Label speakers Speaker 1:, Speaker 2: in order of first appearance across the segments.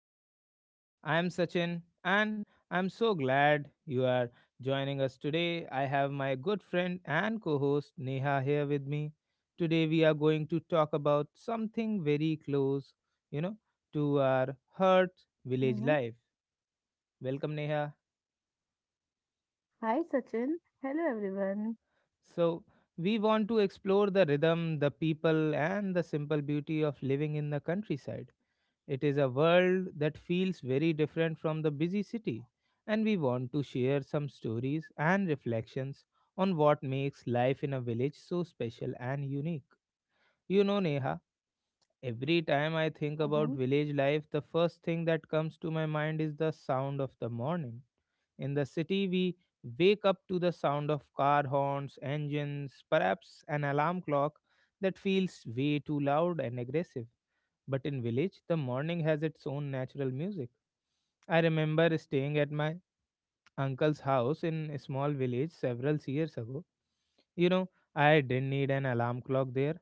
Speaker 1: back. I am Sachin, and I'm so glad you are joining us today. I have my good friend and co host Neha here with me. Today, we are going to talk about something very close, you know, to our heart village
Speaker 2: Mhm.
Speaker 1: life. Welcome, Neha.
Speaker 2: Hi, Sachin. Hello, everyone.
Speaker 1: So, we want to explore the rhythm, the people, and the simple beauty of living in the countryside. It is a world that feels very different from the busy city, and we want to share some stories and reflections on what makes life in a village so special and unique. You know, Neha, every time I think about
Speaker 2: Mhm.
Speaker 1: village life, the first thing that comes to my mind is the sound of the morning. In the city, we wake up to the sound of car horns, engines, perhaps an alarm clock that feels way too loud and aggressive. But in village, the morning has its own natural music. I remember staying at my uncle's house in a small village several years ago. You know, I didn't need an alarm clock there.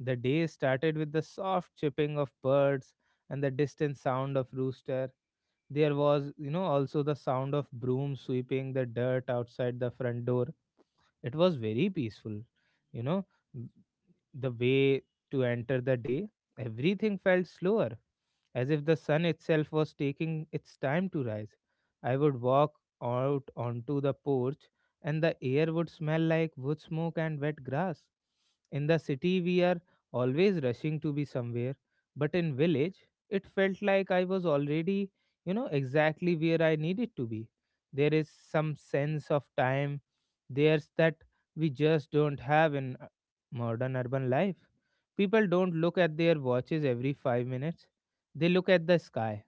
Speaker 1: The day started with the soft chirping of birds and the distant sound of rooster. There was also the sound of broom sweeping the dirt outside the front door. It was very peaceful, you know the way to enter the day, everything felt slower, as if the sun itself was taking its time to rise. I would walk out onto the porch, and the air would smell like wood smoke and wet grass. In the city, we are always rushing to be somewhere, but in village, it felt like I was already exactly where I needed to be. There is some sense of time, there's that we just don't have in modern urban life. People don't look at their watches every 5 minutes, they look at the sky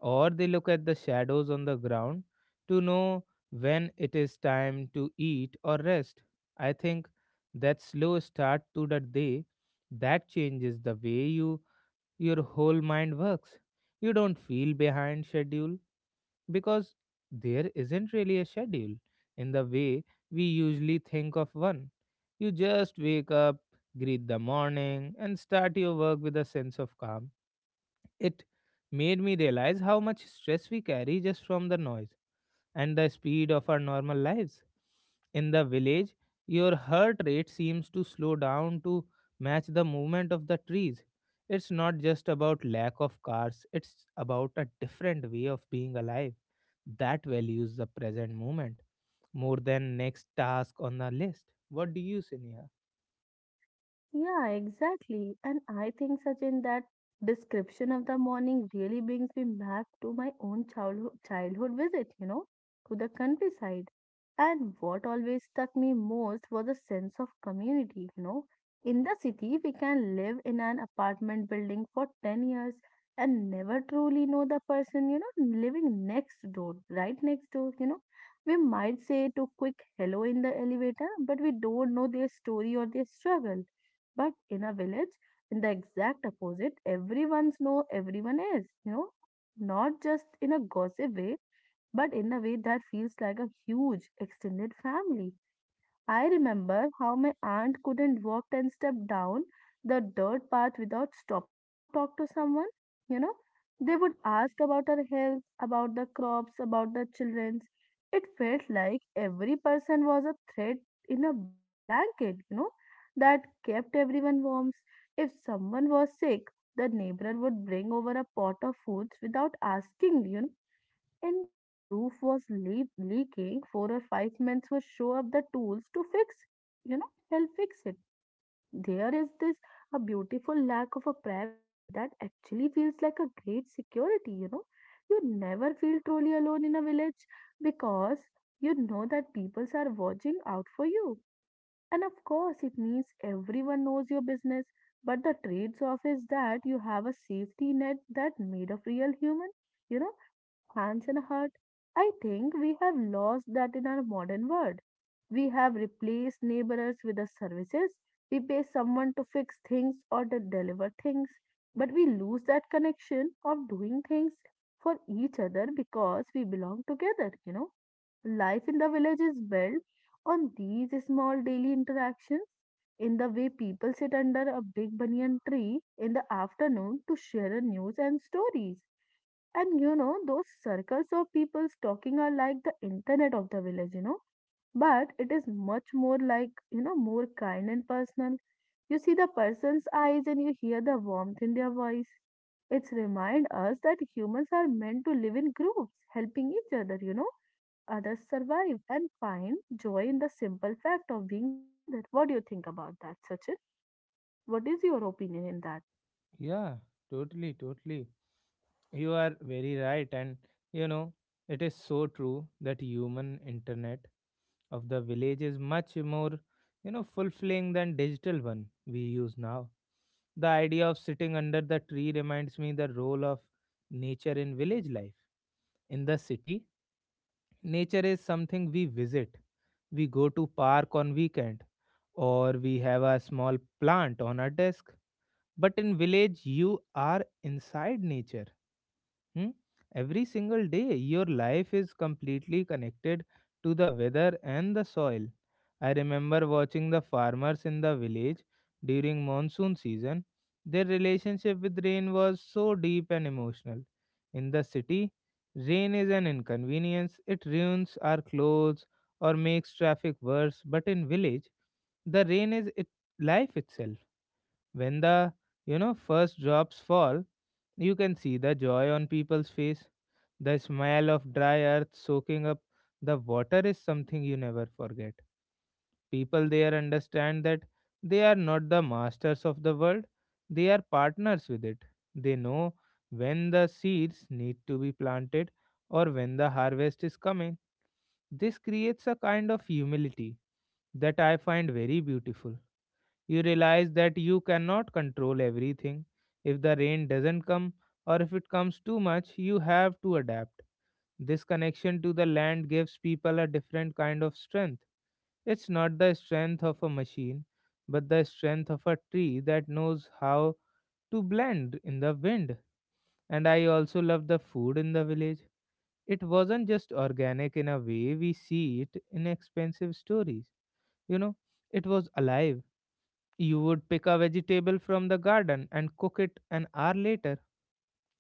Speaker 1: or they look at the shadows on the ground to know when it is time to eat or rest. I think that slow start to the day that changes the way your whole mind works. You don't feel behind schedule because there isn't really a schedule in the way we usually think of one. You just wake up, greet the morning, and start your work with a sense of calm. It made me realize how much stress we carry just from the noise and the speed of our normal lives. In the village, your heart rate seems to slow down to match the movement of the trees. It's not just about lack of cars, it's about a different way of being alive that values the present moment more than next task on the list. What do you say, Neha?
Speaker 2: Yeah, exactly. And I think, Sachin, that description of the morning really brings me back to my own childhood visit, to the countryside. And what always struck me most was a sense of community. In the city, we can live in an apartment building for 10 years and never truly know the person, living next door, right next door. We might say to quick hello in the elevator, but we don't know their story or their struggle, but in a village, in the exact opposite, everyone's know everyone is, not just in a gossip way, but in a way that feels like a huge extended family. I remember how my aunt couldn't walk 10 steps down the dirt path without stopping to talk to someone. You know, they would ask about her health, about the crops, about the children's. It felt like every person was a thread in a big blanket, that kept everyone warm. If someone was sick, the neighbor would bring over a pot of foods without asking, and a roof was leaking, four or five men would show up the tools to fix, help fix it. There is this a beautiful lack of a privacy that actually feels like a great security, you know. You never feel truly alone in a village because you know that people are watching out for you. And of course, it means everyone knows your business. But the trades off is that you have a safety net that made of real human you know hands and heart. I think we have lost that in our modern world. We have replaced neighbors with the services. We pay someone to fix things or to deliver things, but we lose that connection of doing things for each other because we belong together. Life in the village is built on these small daily interactions in the way people sit under a big banyan tree in the afternoon to share news and stories, and those circles of people talking are like the internet of the village, but it is much more like, more kind and personal. You see the person's eyes and you hear the warmth in their voice. It's remind us that humans are meant to live in groups, helping each other, others survive and find joy in the simple fact of being together. What do you think about that, Sachin? What is your opinion in that?
Speaker 1: Yeah, totally, totally. You are very right, and you know, it is so true that human internet of the village is much more fulfilling than digital one we use now. The idea of sitting under the tree reminds me the role of nature in village life. In the city, nature is something we visit. We go to park on weekend, or we have a small plant on our desk, but in village, you are inside nature. Hmm? Every single day, your life is completely connected to the weather and the soil. I remember watching the farmers in the village during monsoon season. Their relationship with rain was so deep and emotional. In the city, rain is an inconvenience. It ruins our clothes or makes traffic worse. But in village, the rain is it life itself. When the first drops fall, you can see the joy on people's face. The smell of dry earth soaking up the water is something you never forget. People there understand that they are not the masters of the world, they are partners with it. They know when the seeds need to be planted or when the harvest is coming. This creates a kind of humility that I find very beautiful. You realize that you cannot control everything. If the rain doesn't come or if it comes too much, you have to adapt. This connection to the land gives people a different kind of strength. It's not the strength of a machine, but the strength of a tree that knows how to blend in the wind. And I also love the food in the village. It wasn't just organic in a way we see it in expensive stories. You know, it was alive. You would pick a vegetable from the garden and cook it an hour later.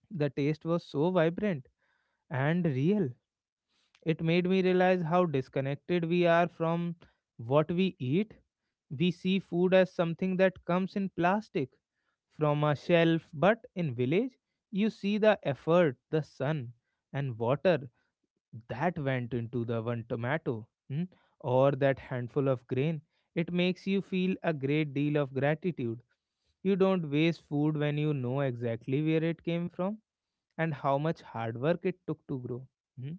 Speaker 1: The taste was so vibrant and real. It made me realize how disconnected we are from what we eat. We see food as something that comes in plastic from a shelf, but in village, you see the effort, the sun, and water that went into the one tomato, or that handful of grain. It makes you feel a great deal of gratitude. You don't waste food when you know exactly where it came from and how much hard work it took to grow. Hmm.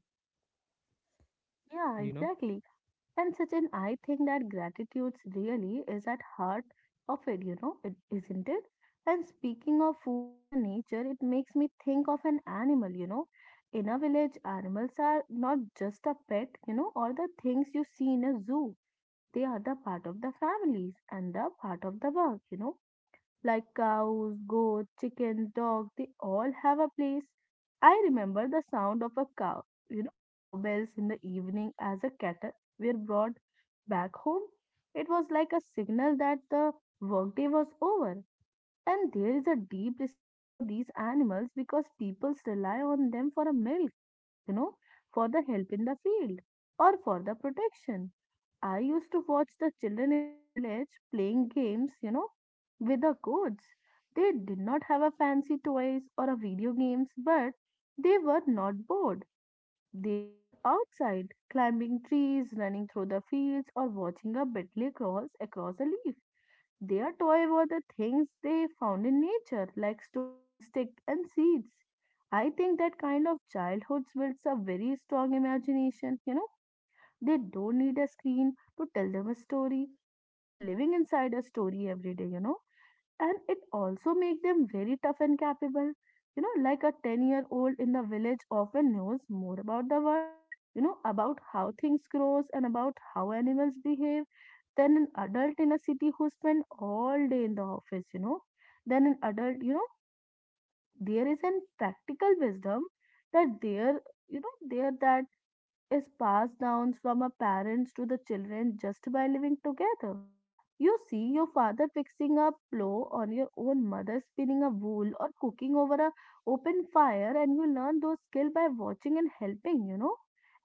Speaker 2: Yeah,
Speaker 1: You know?
Speaker 2: exactly. And such an I think that gratitude really is at heart of it, isn't it? And speaking of food and a nature, it makes me think of an animal. In a village, animals are not just a pet, or the things you see in a zoo. They are the part of the families and the part of the work, like cows, goats, chickens, dogs, they all have a place. I remember the sound of a cow, cow bells in the evening as a cattle were brought back home. It was like a signal that the workday was over. And there is a deep respect for these animals because people rely on them for a milk, you know, for the help in the field or for the protection. I used to watch the children in the village playing games, with the goats. They did not have a fancy toys or a video games, but they were not bored. They were outside, climbing trees, running through the fields, or watching a beetle cross across a leaf. Their toy were the things they found in nature, like stones, sticks, and seeds. I think that kind of childhood builds a very strong imagination; they don't need a screen to tell them a story. They are living inside a story every day. And it also makes them very tough and capable. Like a 10-year-old year old in the village often knows more about the world, about how things grows and about how animals behave than an adult in a city who spend all day in the office. Then an adult, there is an practical wisdom that there that is passed down from a parents to the children just by living together. You see your father fixing a plow on your own mother spinning a wool or cooking over a open fire, and you learn those skills by watching and helping.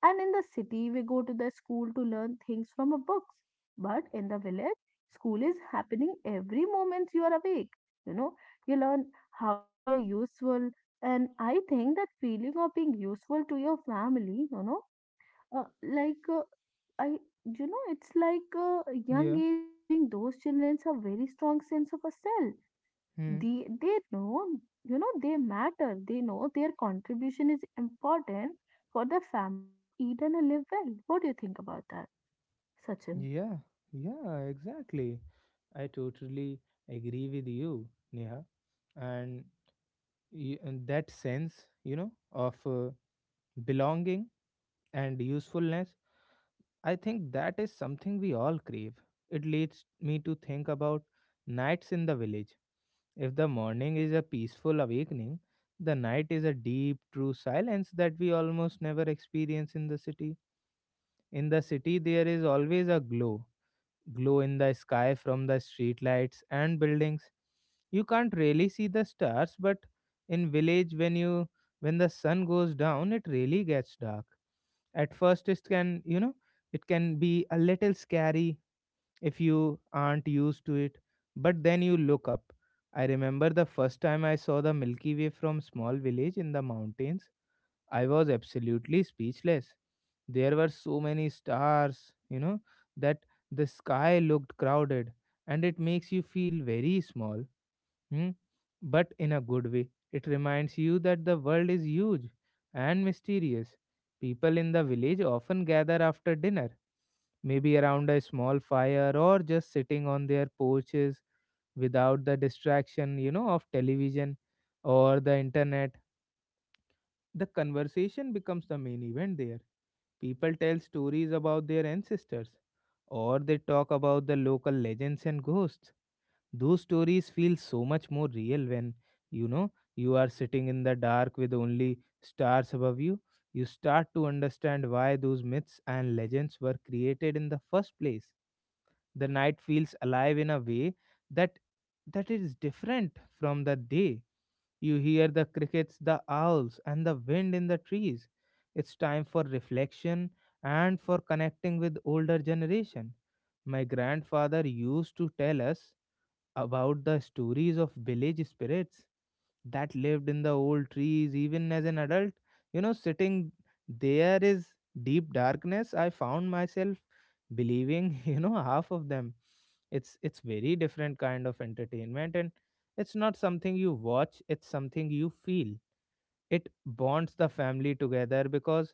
Speaker 2: And in the city we go to the school to learn things from a books. But in the village, school is happening every moment you are awake. You know, you learn how to be a useful, and I think that feeling of being useful to your family, uh, like I you know it's like a young
Speaker 1: Yeah.
Speaker 2: age giving those children a very strong sense of a self.
Speaker 1: Hmm.
Speaker 2: They they know, they matter, they know their contribution is important for the family to eat and live well. What do you think about that, Sachin?
Speaker 1: Yeah. Yeah, exactly. I totally agree with you, Neha. And, and that sense of belonging and usefulness. I think that is something we all crave. It leads me to think about nights in the village. If the morning is a peaceful awakening, the night is a deep, true silence that we almost never experience in the city. In the city, there is always a glow, in the sky from the streetlights and buildings. You can't really see the stars, but in village when the sun goes down, it really gets dark. At first it can be a little scary if you aren't used to it, but then you look up. I remember the first time I saw the Milky Way from small village in the mountains. I was absolutely speechless. There were so many stars, that the sky looked crowded, and it makes you feel very small, hmm? But in a good way. It reminds you that the world is huge and mysterious. People in the village often gather after dinner, maybe around a small fire or just sitting on their porches without the distraction of television or the internet. The conversation becomes the main event there. People tell stories about their ancestors, or they talk about the local legends and ghosts. Those stories feel so much more real when you are sitting in the dark with only stars above you. You start to understand why those myths and legends were created in the first place. The night feels alive in a way that that is different from the day. You hear the crickets, the owls, and the wind in the trees. It's time for reflection and for connecting with older generation. My grandfather used to tell us about the stories of village spirits that lived in the old trees even as an adult. You know, sitting there is deep darkness. I found myself believing, half of them. It's very different kind of entertainment, and it's not something you watch, it's something you feel. It bonds the family together because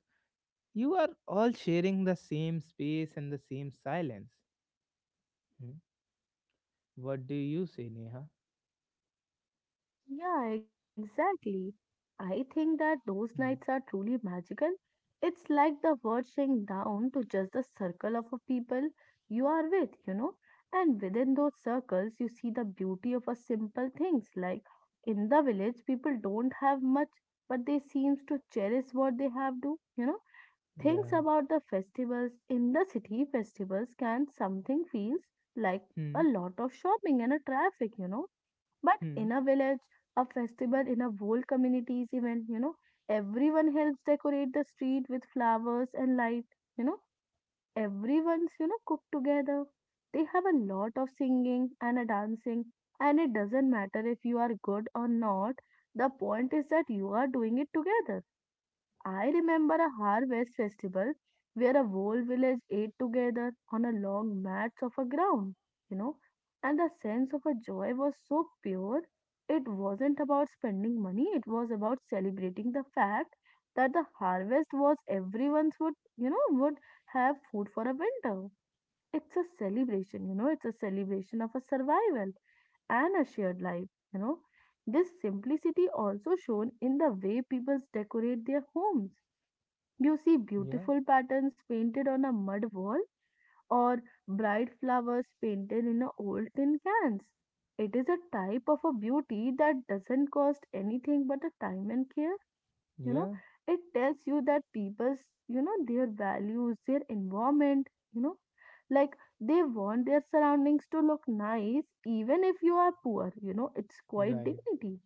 Speaker 1: you are all sharing the same space and the same silence. Hmm. What do you say, Neha?
Speaker 2: Yeah, exactly. I think that those
Speaker 1: Hmm.
Speaker 2: nights are truly magical. It's like the word shrinks down to just the circle of a people you are with. And within those circles, you see the beauty of a simple things. Like in the village, people don't have much, but they seems to cherish what they have do. Things
Speaker 1: Yeah.
Speaker 2: about the festivals in the city festivals can something feels like
Speaker 1: Hmm.
Speaker 2: a lot of shopping and a traffic, but
Speaker 1: Hmm.
Speaker 2: in a village, a festival, in a whole community's event, everyone helps decorate the street with flowers and light. You know, Everyone's, cook together. They have a lot of singing and a dancing, and it doesn't matter if you are good or not. The point is that you are doing it together. I remember a harvest festival where a whole village ate together on a long mats of a ground, you know, and the sense of a joy was so pure. It wasn't about spending money, it was about celebrating the fact that the harvest was everyone's would have food for a winter. It's a celebration, it's a celebration of a survival and a shared life. This simplicity also shown in the way people decorate their homes. You see
Speaker 1: Yeah.
Speaker 2: beautiful patterns painted on a mud wall, or bright flowers painted in a old tin cans. It is a type of a beauty that doesn't cost anything but a time and care. You know,
Speaker 1: Yeah.
Speaker 2: it tells you that people's, their values, their environment, you know, like they want their surroundings to look nice even if you are poor, it's quite
Speaker 1: Right.
Speaker 2: dignity.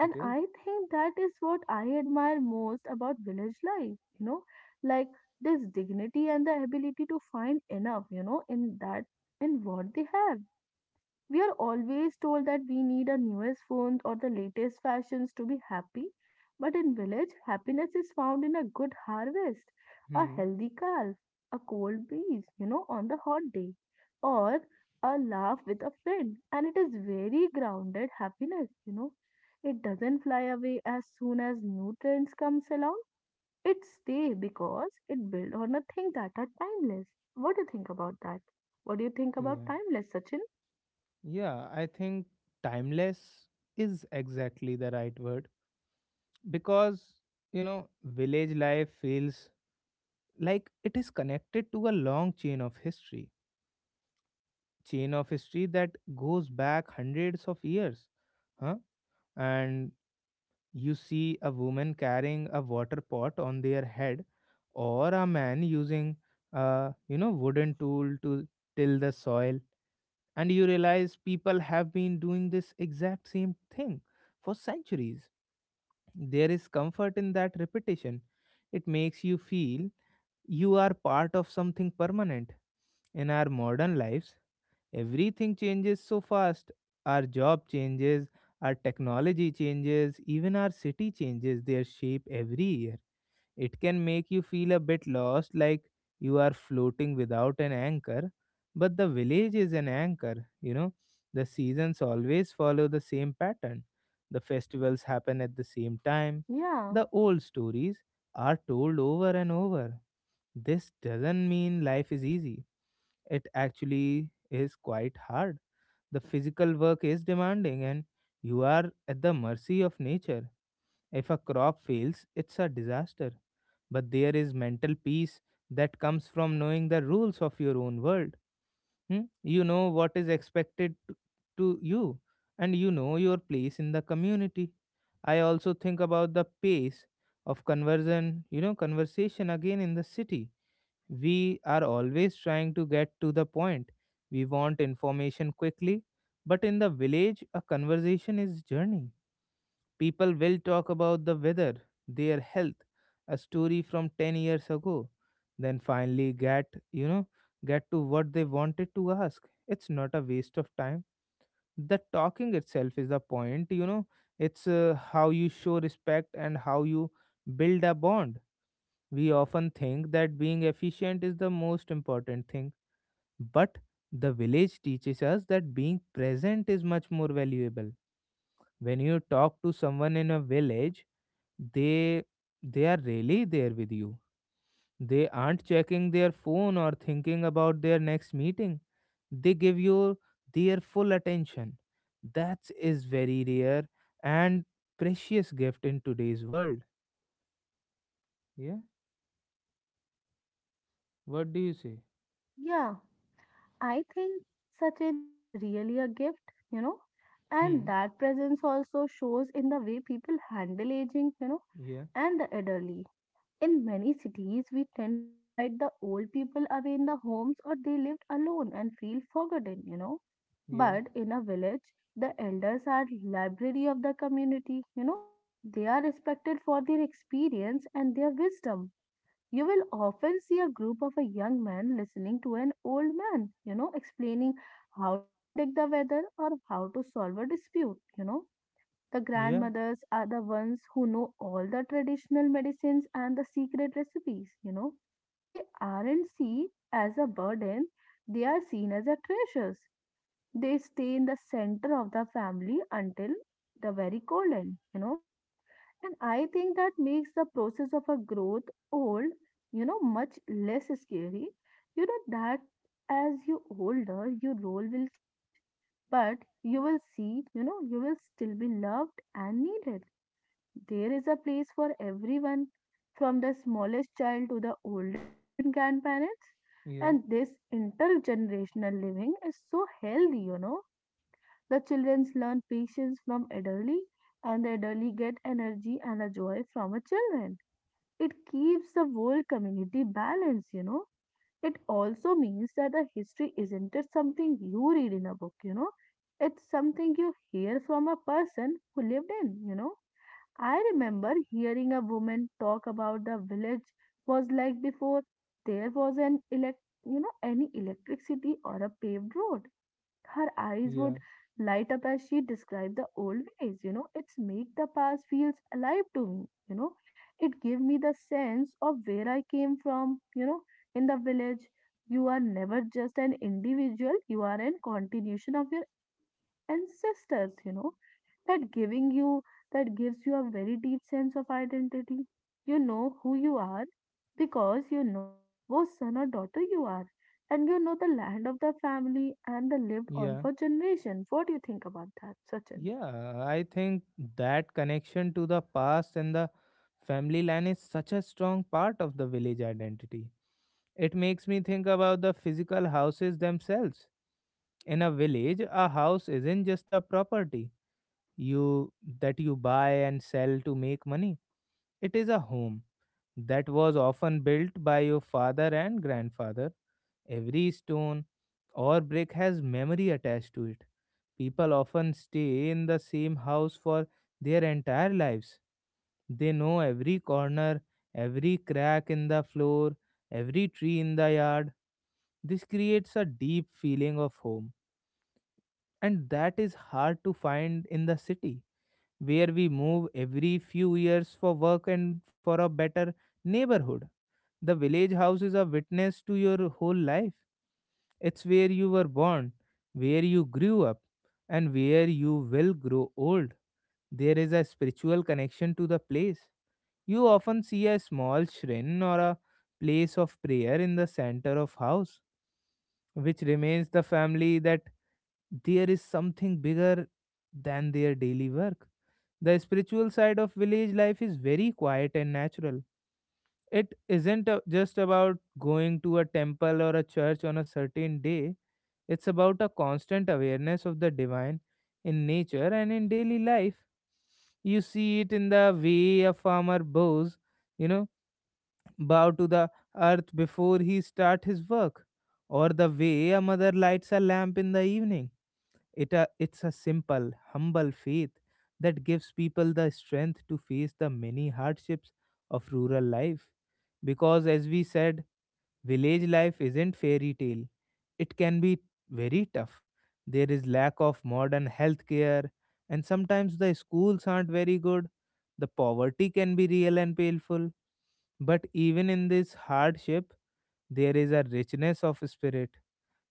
Speaker 1: It is?
Speaker 2: I think that is what I admire most about village life, like this dignity and the ability to find enough, in that, in what they have. We are always told that we need our newest phones or the latest fashions to be happy, but in village, happiness is found in a good harvest, a
Speaker 1: Hmm.
Speaker 2: healthy calf, a cold breeze, on the hot day, or a laugh with a friend. And it is very grounded happiness. It doesn't fly away as soon as new trends comes along. It stay because it build on a thing that are timeless. What do you think about that? What do you think about
Speaker 1: Yeah.
Speaker 2: timeless, Sachin?
Speaker 1: Yeah. I think timeless is exactly the right word because village life feels like it is connected to a long chain of history that goes back hundreds of years. Huh? And you see a woman carrying a water pot on their head or a man using a wooden tool to till the soil. And you realize people have been doing this exact same thing for centuries. There is comfort in that repetition. It makes you feel you are part of something permanent. In our modern lives, everything changes so fast. Our job changes, our technology changes, even our city changes their shape every year. It can make you feel a bit lost, like you are floating without an anchor. But the village is an anchor, you know. The seasons always follow the same pattern. The festivals happen at the same time.
Speaker 2: Yeah.
Speaker 1: The old stories are told over and over. This doesn't mean life is easy, it actually is quite hard. The physical work is demanding, and you are at the mercy of nature. If a crop fails, it's a disaster. But there is mental peace that comes from knowing the rules of your own world. Hmm? You know what is expected to you, and you know your place in the community. I also think about the pace of conversation again in the city. We are always trying to get to the point. We want information quickly, but in the village, a conversation is journey. People will talk about the weather, their health, a story from 10 years ago, then finally you know, get to what they wanted to ask. It's not a waste of time. The talking itself is the point, you know, it's How you show respect and how you build a bond. We often think that being efficient is the most important thing, but the village teaches us that being present is much more valuable. When you talk to someone in a village, they they are really there with you. They aren't checking their phone or thinking about their next meeting. They give you their full attention. That is very rare and precious gift in today's world. Yeah. What do you say?
Speaker 2: Yeah, I think, Sachin, it's really a gift, and
Speaker 1: Hmm.
Speaker 2: that presence also shows in the way people handle aging,
Speaker 1: Yeah,
Speaker 2: and the elderly. In many cities, we tend to hide the old people away in the homes or they lived alone and feel forgotten.
Speaker 1: yeah,
Speaker 2: But in a village, the elders are library of the community. They are respected for their experience and their wisdom. You will often see a group of a young man listening to an old man, explaining how to predict the weather or how to solve a dispute. The
Speaker 1: yeah,
Speaker 2: grandmothers are the ones who know all the traditional medicines and the secret recipes. They aren't seen as a burden, they are seen as a treasures. They stay in the center of the family until the very cold end, and I think that makes the process of a growth old, much less scary. You know that as you older, your role will change. But you will see, you will still be loved and needed. There is a place for everyone, from the smallest child to the oldest great grandparents.
Speaker 1: yeah,
Speaker 2: And this intergenerational living is so healthy. The children learn patience from elderly, and the elderly get energy and a joy from a children. It keeps the whole community balanced. It also means that the history isn't just something you read in a book. It's something you hear from a person who lived in. I remember hearing a woman talk about the village was like before there was an elect, you know, any electricity or a paved road. Her eyes would
Speaker 1: yeah,
Speaker 2: light up as she described the old ways. It's make the past feels alive to me. It gave me the sense of where I came from, in the village. You are never just an individual, you are a continuation of your ancestors, that giving you that gives you a very deep sense of identity. You know who you are because you know whose son or daughter you are, and you know the land of the family and the lived on
Speaker 1: yeah,
Speaker 2: for generation. What do you think about that, Sachin?
Speaker 1: yeah, I think that connection to the past and the family line is such a strong part of the village identity. It makes me think about the physical houses themselves. In a village, a house isn't just a property you that you buy and sell to make money. It is a home that was often built by your father and grandfather. Every stone or brick has memory attached to it. People often stay in the same house for their entire lives. They know every corner, every crack in the floor, every tree in the yard. This creates a deep feeling of home, and that is hard to find in the city, where we move every few years for work and for a better neighborhood. The village house is a witness to your whole life. It's where you were born, where you grew up, and where you will grow old. There is a spiritual connection to the place. You often see a small shrine or a place of prayer in the center of house, which remains the family that there is something bigger than their daily work. The spiritual side of village life is very quiet and natural. It isn't just about going to a temple or a church on a certain day, it's about a constant awareness of the divine in nature and in daily life. You see it in the way a farmer bows, you know, bow to the earth before he start his work, or the way a mother lights a lamp in the evening. It's a simple, humble faith that gives people the strength to face the many hardships of rural life. Because, as we said, village life isn't fairy tale. It can be very tough. There is lack of modern healthcare, and sometimes the schools aren't very good. The poverty can be real and painful. But even in this hardship, there is a richness of spirit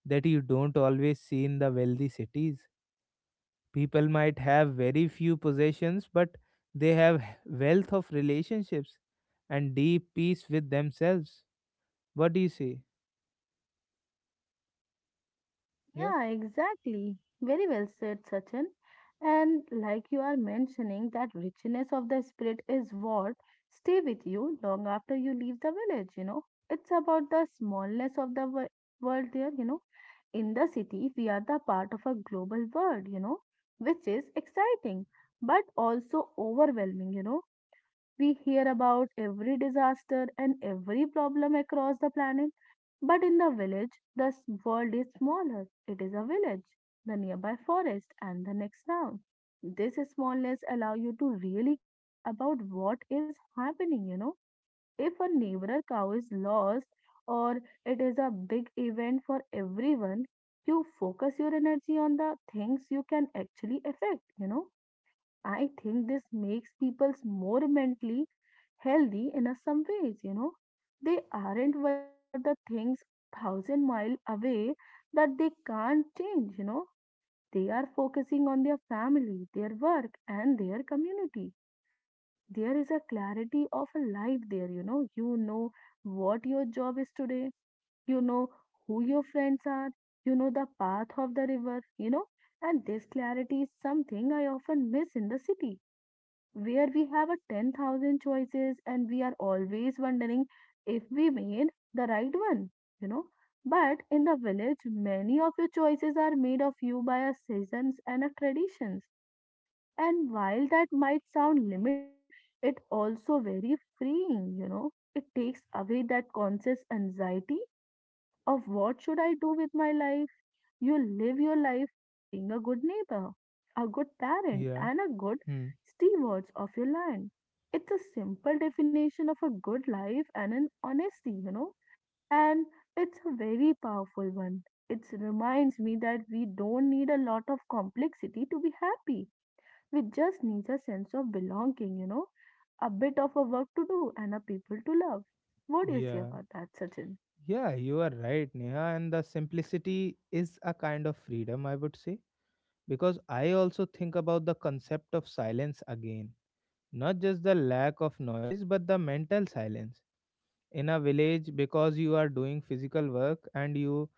Speaker 1: that you don't always see in the wealthy cities. People might have very few possessions, but they have wealth of relationships and deep peace with themselves. What do you say? Yeah,
Speaker 2: Yeah, exactly. Very well said, Sachin. And like you are mentioning, that richness of the spirit is what stay with you long after you leave the village. It's about the smallness of the world there. In the city, we are the part of a global world, which is exciting but also overwhelming. We hear about every disaster and every problem across the planet, but in the village, the world is smaller. It is a village, the nearby forest, and the next town. This smallness allow you to really care about what is happening. If a neighbor cow is lost or it is a big event for everyone, you focus your energy on the things you can actually affect. I think this makes people more mentally healthy in a some ways. They aren't worrying about the things thousand mile away that they can't change. They are focusing on their family, their work, and their community. There is a clarity of a life there. You know what your job is today, you know who your friends are, you know the path of the river. And this clarity is something I often miss in the city where we have a 10,000 choices and we are always wondering if we made the right one, you know. But in the village, many of your choices are made of you by your seasons and your traditions. And while that might sound limiting, it also very freeing. It takes away that conscious anxiety of what should I do with my life. You live your life by being a good neighbor, a good parent,
Speaker 1: yeah.
Speaker 2: and a good
Speaker 1: Hmm.
Speaker 2: steward of your land. It's a simple definition of a good life and an honesty, and it's a very powerful one. It reminds me that we don't need a lot of complexity to be happy. We just need a sense of belonging, a bit of a work to do and a people to love. What do you say
Speaker 1: Yeah,
Speaker 2: about that, Sachin?
Speaker 1: yeah. You are right, Neha. And the simplicity is a kind of freedom, I would say, because I also think about the concept of silence again. Not just the lack of noise, but the mental silence in a village. Because you are doing physical work and you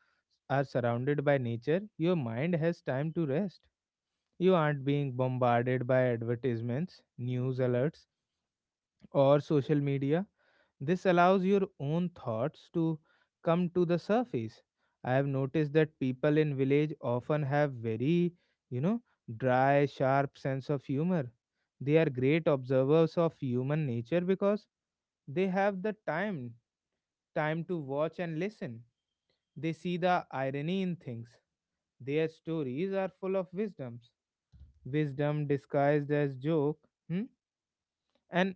Speaker 1: are surrounded by nature, your mind has time to rest. You aren't being bombarded by advertisements, news alerts, or social media. This allows your own thoughts to come to the surface. I have noticed that people in village often have very, you know dry sharp sense of humor. They are great observers of human nature because they have the time to watch and listen. They see the irony in things. Their stories are full of wisdoms. Wisdom disguised as joke. Hmm. And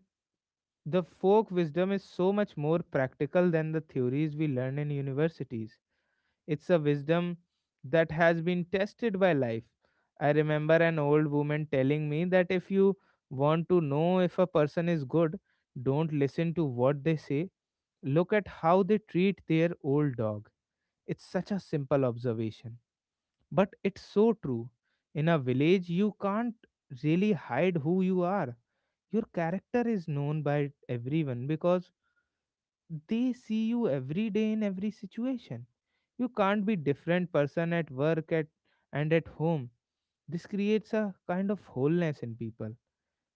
Speaker 1: the folk wisdom is so much more practical than the theories we learn in universities. It's a wisdom that has been tested by life. I remember an old woman telling me that if you want to know if a person is good, don't listen to what they say. Look at how they treat their old dog. It's such a simple observation, but it's so true. In a village, you can't really hide who you are. Your character is known by everyone because they see you every day in every situation. You can't be different person at work at and at home. This creates a kind of wholeness in people.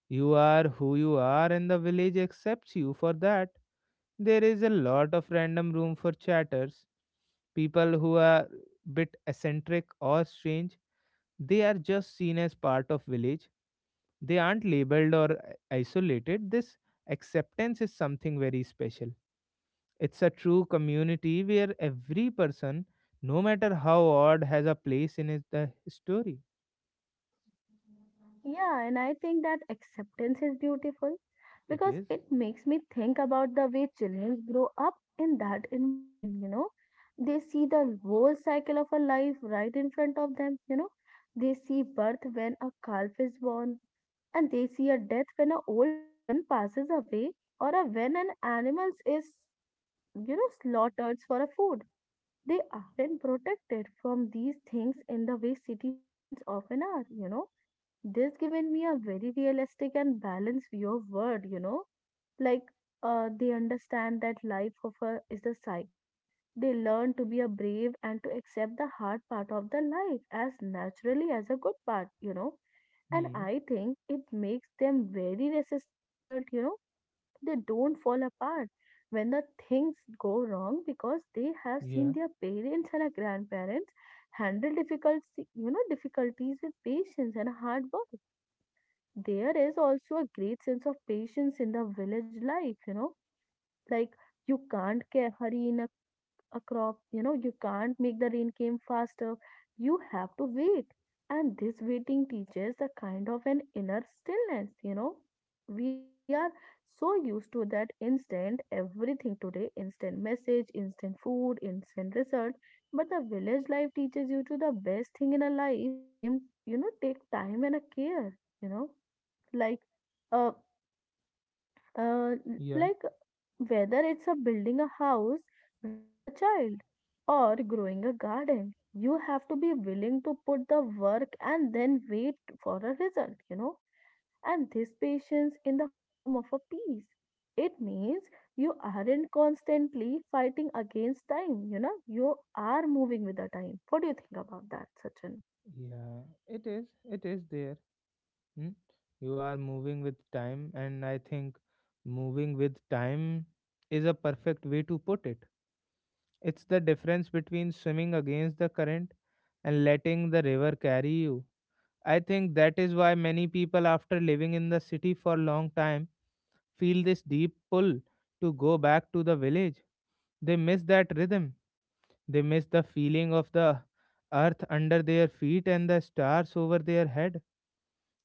Speaker 1: You are who you are and the village accepts you for that. There is a lot of random room for chatters. People who are bit eccentric or strange, they are just seen as part of village. They aren't labeled or isolated. This acceptance is something very special. It's a true community where every person, no matter how odd, has a place in the story.
Speaker 2: Yeah, and I think that acceptance is beautiful,
Speaker 1: It
Speaker 2: because
Speaker 1: is.
Speaker 2: it makes me think about the way children grow up in that environment. They see the whole cycle of a life right in front of them. They see birth when a calf is born, and they see a death when an old person passes away, or a when an animal is, slaughtered for a food. They aren't protected from these things in the way city childrens often are. This given me a very realistic and balanced view of world. Like they understand that life of a is a cycle. They learn to be a brave and to accept the hard part of the life as naturally as a good part. And
Speaker 1: Hmm.
Speaker 2: I think it makes them very resistant adult. They don't fall apart when the things go wrong because they have seen
Speaker 1: Yeah.
Speaker 2: their parents and their grandparents handle difficulties with patience and hard work. There is also a great sense of patience in the village life. Like you can't hurry in a crop. You can't make the rain came faster. You have to wait, and this waiting teaches the kind of an inner stillness. We are so used to that instant everything today, instant message, instant food, instant result, but the village life teaches you to the best thing in a life came, take time and a care. like uh, uh,
Speaker 1: Yeah.
Speaker 2: like whether it's a building a house, raising a child, or growing a garden. You have to be willing to put the work and then wait for a result. And this patience in the form of a peace. It means you aren't constantly fighting against time, you know. You are moving with the time. What do you think about that, Sachin?
Speaker 1: Yeah. It is. It is there. Hmm? You are moving with time, and I think moving with time is a perfect way to put it. It's the difference between swimming against the current and letting the river carry you. I think that is why many people, after living in the city for a long time, feel this deep pull to go back to the village. They miss that rhythm, they miss the feeling of the earth under their feet and the stars over their head.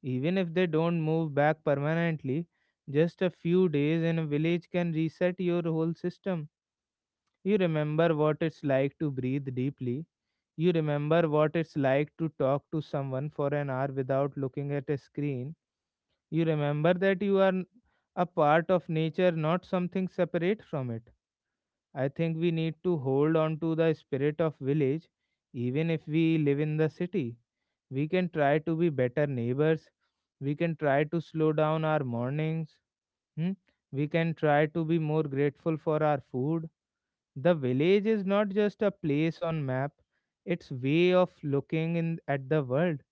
Speaker 1: Even if they don't move back permanently, just a few days in a village can reset your whole system. You remember what it's like to breathe deeply. You remember what it's like to talk to someone for an hour without looking at a screen. You remember that you are a part of nature, not something separate from it. I think we need to hold on to the spirit of village, even if we live in the city. We can try to be better neighbors. We can try to slow down our mornings. Hmm. We can try to be more grateful for our food. The village is not just a place on map; it's way of looking in at the world.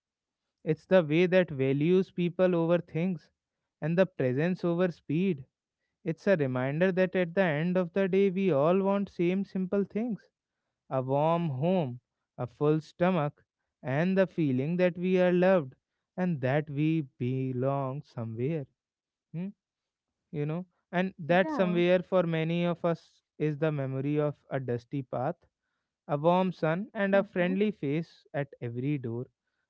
Speaker 1: It's the way that values people over things and the presence over speed. It's a reminder that at the end of the day we all want same simple things. A warm home, a full stomach, and the feeling that we are loved and that we belong somewhere. Hmm. You know, and that
Speaker 2: Yeah.
Speaker 1: somewhere for many of us is the memory of a dusty path, a warm sun, and a friendly face at every door.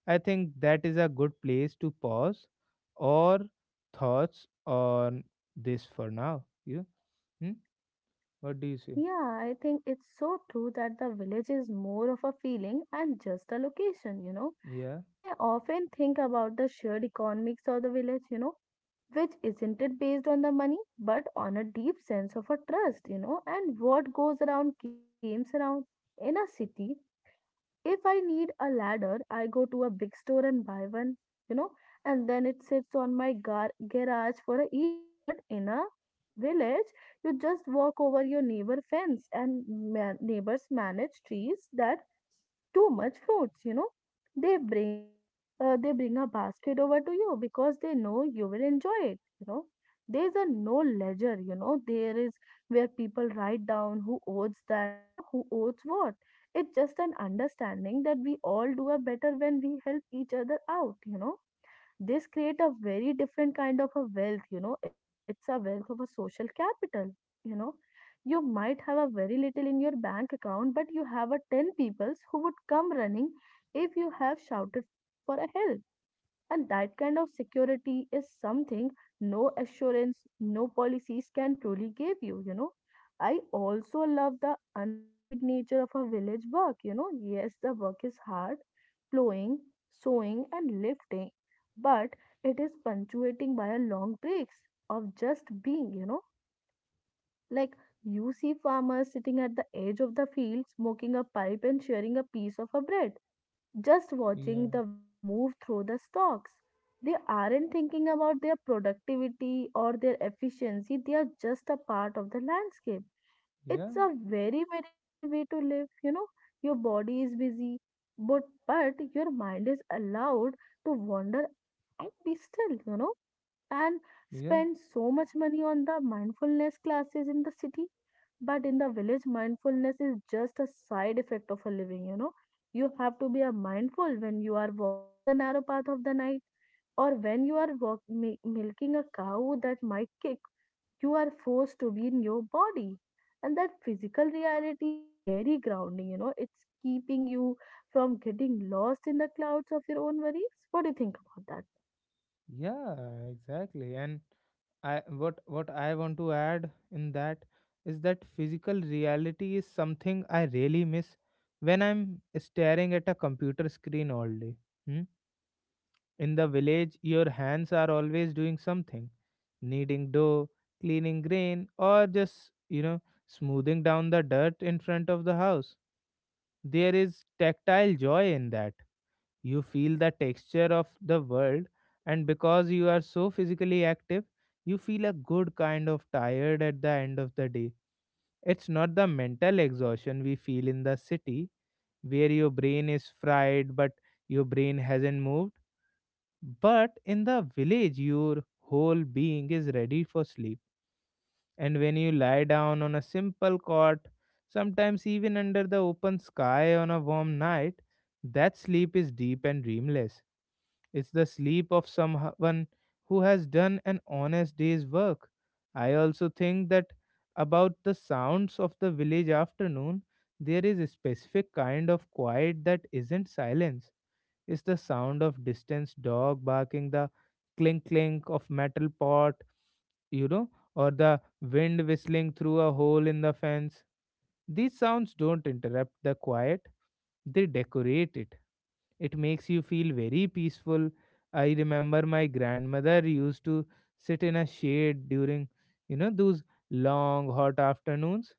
Speaker 1: I think that is a good place to pause or thoughts on this for now. You? Hmm? What do you say?
Speaker 2: Yeah, I think it's so true that the village is more of a feeling and just a location.
Speaker 1: Yeah,
Speaker 2: And I often think about the shared economics of the village, which isn't it based on the money, but on a deep sense of a trust, and what goes around comes around in a city. If I need a ladder, I go to a big store and buy one, you know, and then it sits on my garage for a year. But in a village, you just walk over your neighbor fence and neighbors manage trees that too much fruits. they bring a they bring a basket over to you because they know you will enjoy it. There's a no ledger, there is where people write down who owes that, who owes what. It's just an understanding that we all do a better when we help each other out. This create a very different kind of a wealth. It's a wealth of a social capital, you know. You might have a very little in your bank account, but you have a 10 peoples who would come running if you have shouted for a help, and that kind of security is something no assurance, no policies can truly give you, you know. I also love the unhurried nature of a village work. Yes, the work is hard, plowing, sowing, and lifting, but it is punctuating by a long breaks of just being. Like you see farmers sitting at the edge of the field, smoking a pipe and sharing a piece of a bread, just
Speaker 1: yeah,
Speaker 2: watching the wind move through the stalks. They aren't thinking about their productivity or their efficiency, they are just a part of the landscape.
Speaker 1: yeah,
Speaker 2: It's a very meditative way to live, you know. Your body is busy, but, but your mind is allowed to wander and be still, and
Speaker 1: yeah,
Speaker 2: spend so much money on the mindfulness classes in the city, but in the village mindfulness is just a side effect of a living. You have to be a mindful when you are walking on the narrow path of the night, or when you are milking a cow that might kick. You are forced to be in your body, and that physical reality is very grounding. It's keeping you from getting lost in the clouds of your own worries. What do you think about that?
Speaker 1: yeah, exactly. And I what I want to add in that is that physical reality is something I really miss when I'm staring at a computer screen all day. Hmm. In the village, your hands are always doing something, kneading dough, cleaning grain, or just, you know, smoothing down the dirt in front of the house. There is tactile joy in that. You feel the texture of the world, and because you are so physically active, you feel a good kind of tired at the end of the day. It's not the mental exhaustion we feel in the city, where your brain is fried but your brain hasn't moved. But in the village, your whole being is ready for sleep. And when you lie down on a simple cot, sometimes even under the open sky on a warm night, that sleep is deep and dreamless. It's the sleep of someone who has done an honest day's work. I also think that about the sounds of the village afternoon, there is a specific kind of quiet that isn't silence. Is the sound of distant dog barking, the clink clink of metal pot, you know, or the wind whistling through a hole in the fence. These sounds don't interrupt the quiet, they decorate it. It makes you feel very peaceful. I remember my grandmother used to sit in a shade during, you know, those long hot afternoons,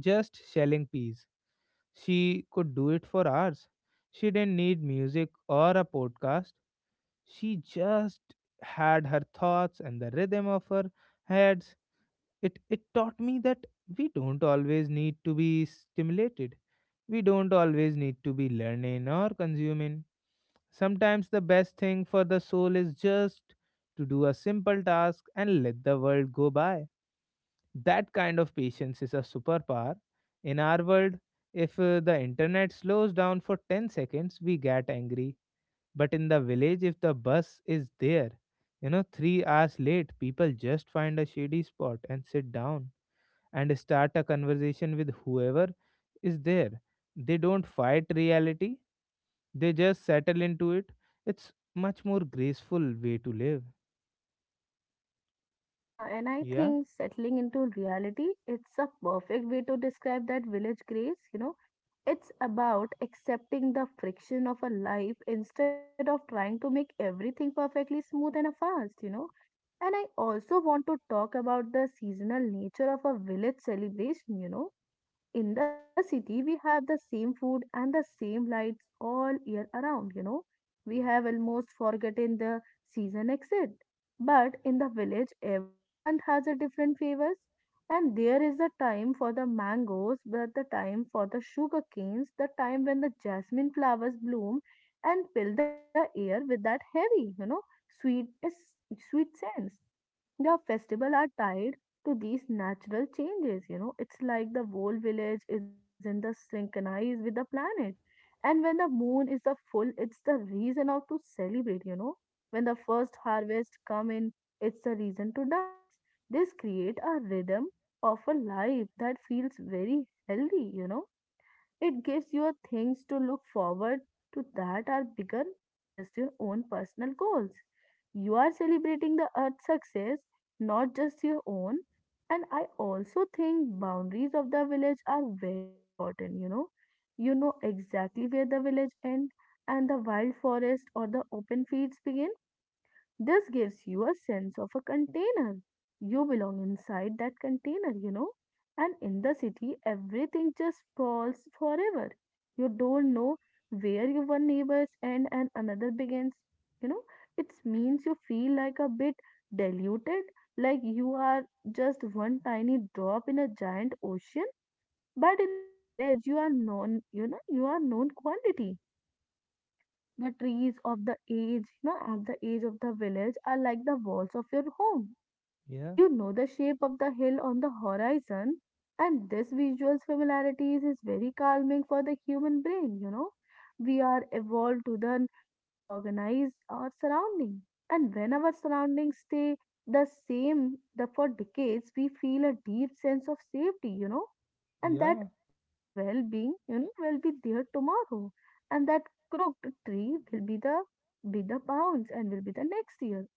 Speaker 1: just shelling peas. She could do it for hours. She didn't need music or a podcast. She just had her thoughts and the rhythm of her heads. It taught me that we don't always need to be stimulated. We don't always need to be learning or consuming. Sometimes the best thing for the soul is just to do a simple task and let the world go by. That kind of patience is a superpower. In our world, if the internet slows down for 10 seconds, we get angry. But in the village, if the bus is there, you know, 3 hours late, people just find a shady spot and sit down and start a conversation with whoever is there. They don't fight reality, they just settle into it. It's much more graceful way to live.
Speaker 2: Yeah, and I
Speaker 1: Yeah,
Speaker 2: think settling into reality, it's a perfect way to describe that village grace. It's about accepting the friction of a life instead of trying to make everything perfectly smooth and a fast. And I also want to talk about the seasonal nature of a village celebration. In the city we have the same food and the same lights all year around, we have almost forgotten the season exit, but in the village every month has a different flavors. And there is a time for the mangoes, but the time for the sugar canes, the time when the jasmine flowers bloom and fill the air with that heavy, sweet, sweet scents. The festival are tied to these natural changes. It's like the whole village is in the synchronized with the planet. And when the moon is the full, it's the reason of to celebrate. When the first harvest come in, it's the reason to dance. This create a rhythm of a life that feels very healthy. It gives you things to look forward to that are bigger than just your own personal goals. You are celebrating the earth's success, not just your own. And I also think boundaries of the village are very important, you know. You know exactly where the village ends and the wild forest or the open fields begin. This gives you a sense of a container. You belong inside that container, you know. And in the city, everything just falls forever. You don't know where your one neighbors end and another begins. You know, it means you feel like a bit diluted, like you are just one tiny drop in a giant ocean. But in the village, you are known, you know, you are known quantity. The trees of the age, you know, of the age of the village are like the walls of your home.
Speaker 1: yeah,
Speaker 2: You know the shape of the hill on the horizon, and this visual familiarity is very calming for the human brain, you know. We are evolved to then recognize our surrounding. And when our surroundings stay the same for decades, we feel a deep sense of safety, you know, and that
Speaker 1: yeah,
Speaker 2: old well being, you know, will be there tomorrow, and that crooked tree will be the bounds and will be the next year.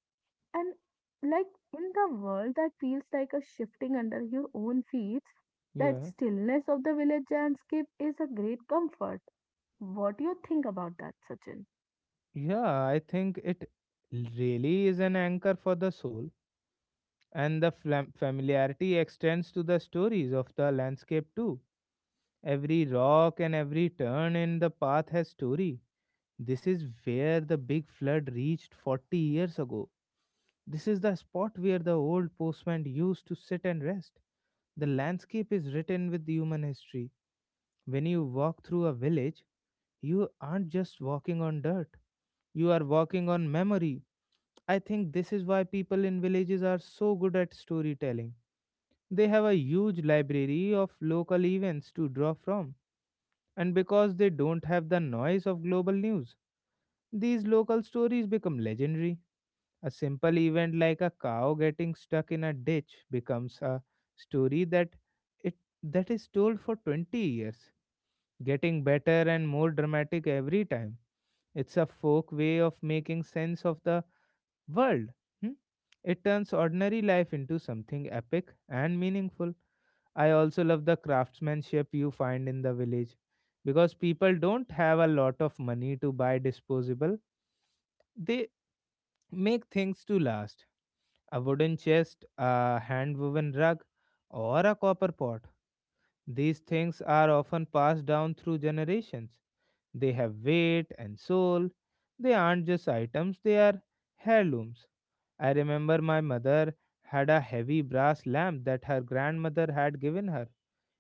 Speaker 2: And, like, in the world that feels like a shifting under your own feet, that
Speaker 1: yeah.
Speaker 2: stillness of the village landscape is a great comfort. What do you think about that, Sachin?
Speaker 1: Yeah, I think it really is an anchor for the soul, and the familiarity extends to the stories of the landscape too. Every rock and every turn in the path has story. This is where the big flood reached 40 years ago. This is the spot where the old postman used to sit and rest. The landscape is written with human history. When you walk through a village, you aren't just walking on dirt, you are walking on memory. I think this is why people in villages are so good at storytelling. They have a huge library of local events to draw from, and because they don't have the noise of global news, these local stories become legendary. A simple event like a cow getting stuck in a ditch becomes a story it that is told for 20 years, getting better and more dramatic every time. It's a folk way of making sense of the world. Hmm? It turns ordinary life into something epic and meaningful. I also love the craftsmanship you find in the village because people don't have a lot of money to buy disposable. They make things to last, a wooden chest, a hand woven rug, or a copper pot. These things are often passed down through generations. They have weight and soul. They aren't just items, they are heirlooms. I remember my mother had a heavy brass lamp that her grandmother had given her.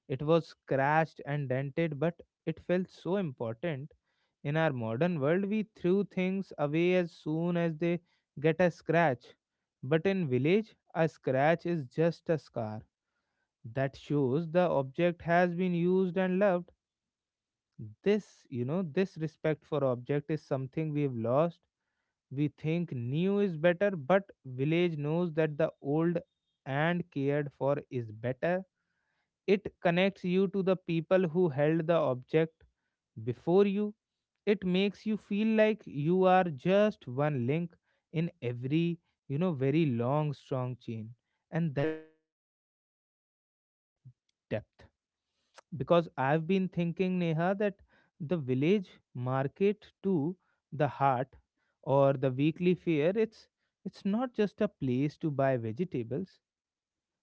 Speaker 1: It was scratched and dented, but it felt so important. In our modern world, we threw things away as soon as they get a scratch. But in village, a scratch is just a scar that shows the object has been used and loved. This respect for object is something we've lost. We think new is better, but village knows that the old and cared for is better. It connects you to the people who held the object before you. It makes you feel like you are just one link in every, very long, strong chain. And that chain is what gives life its depth because I've been thinking, Neha, that the village market to the heart
Speaker 2: Mm-hmm.
Speaker 1: or the weekly fair, it's not just a place to buy vegetables.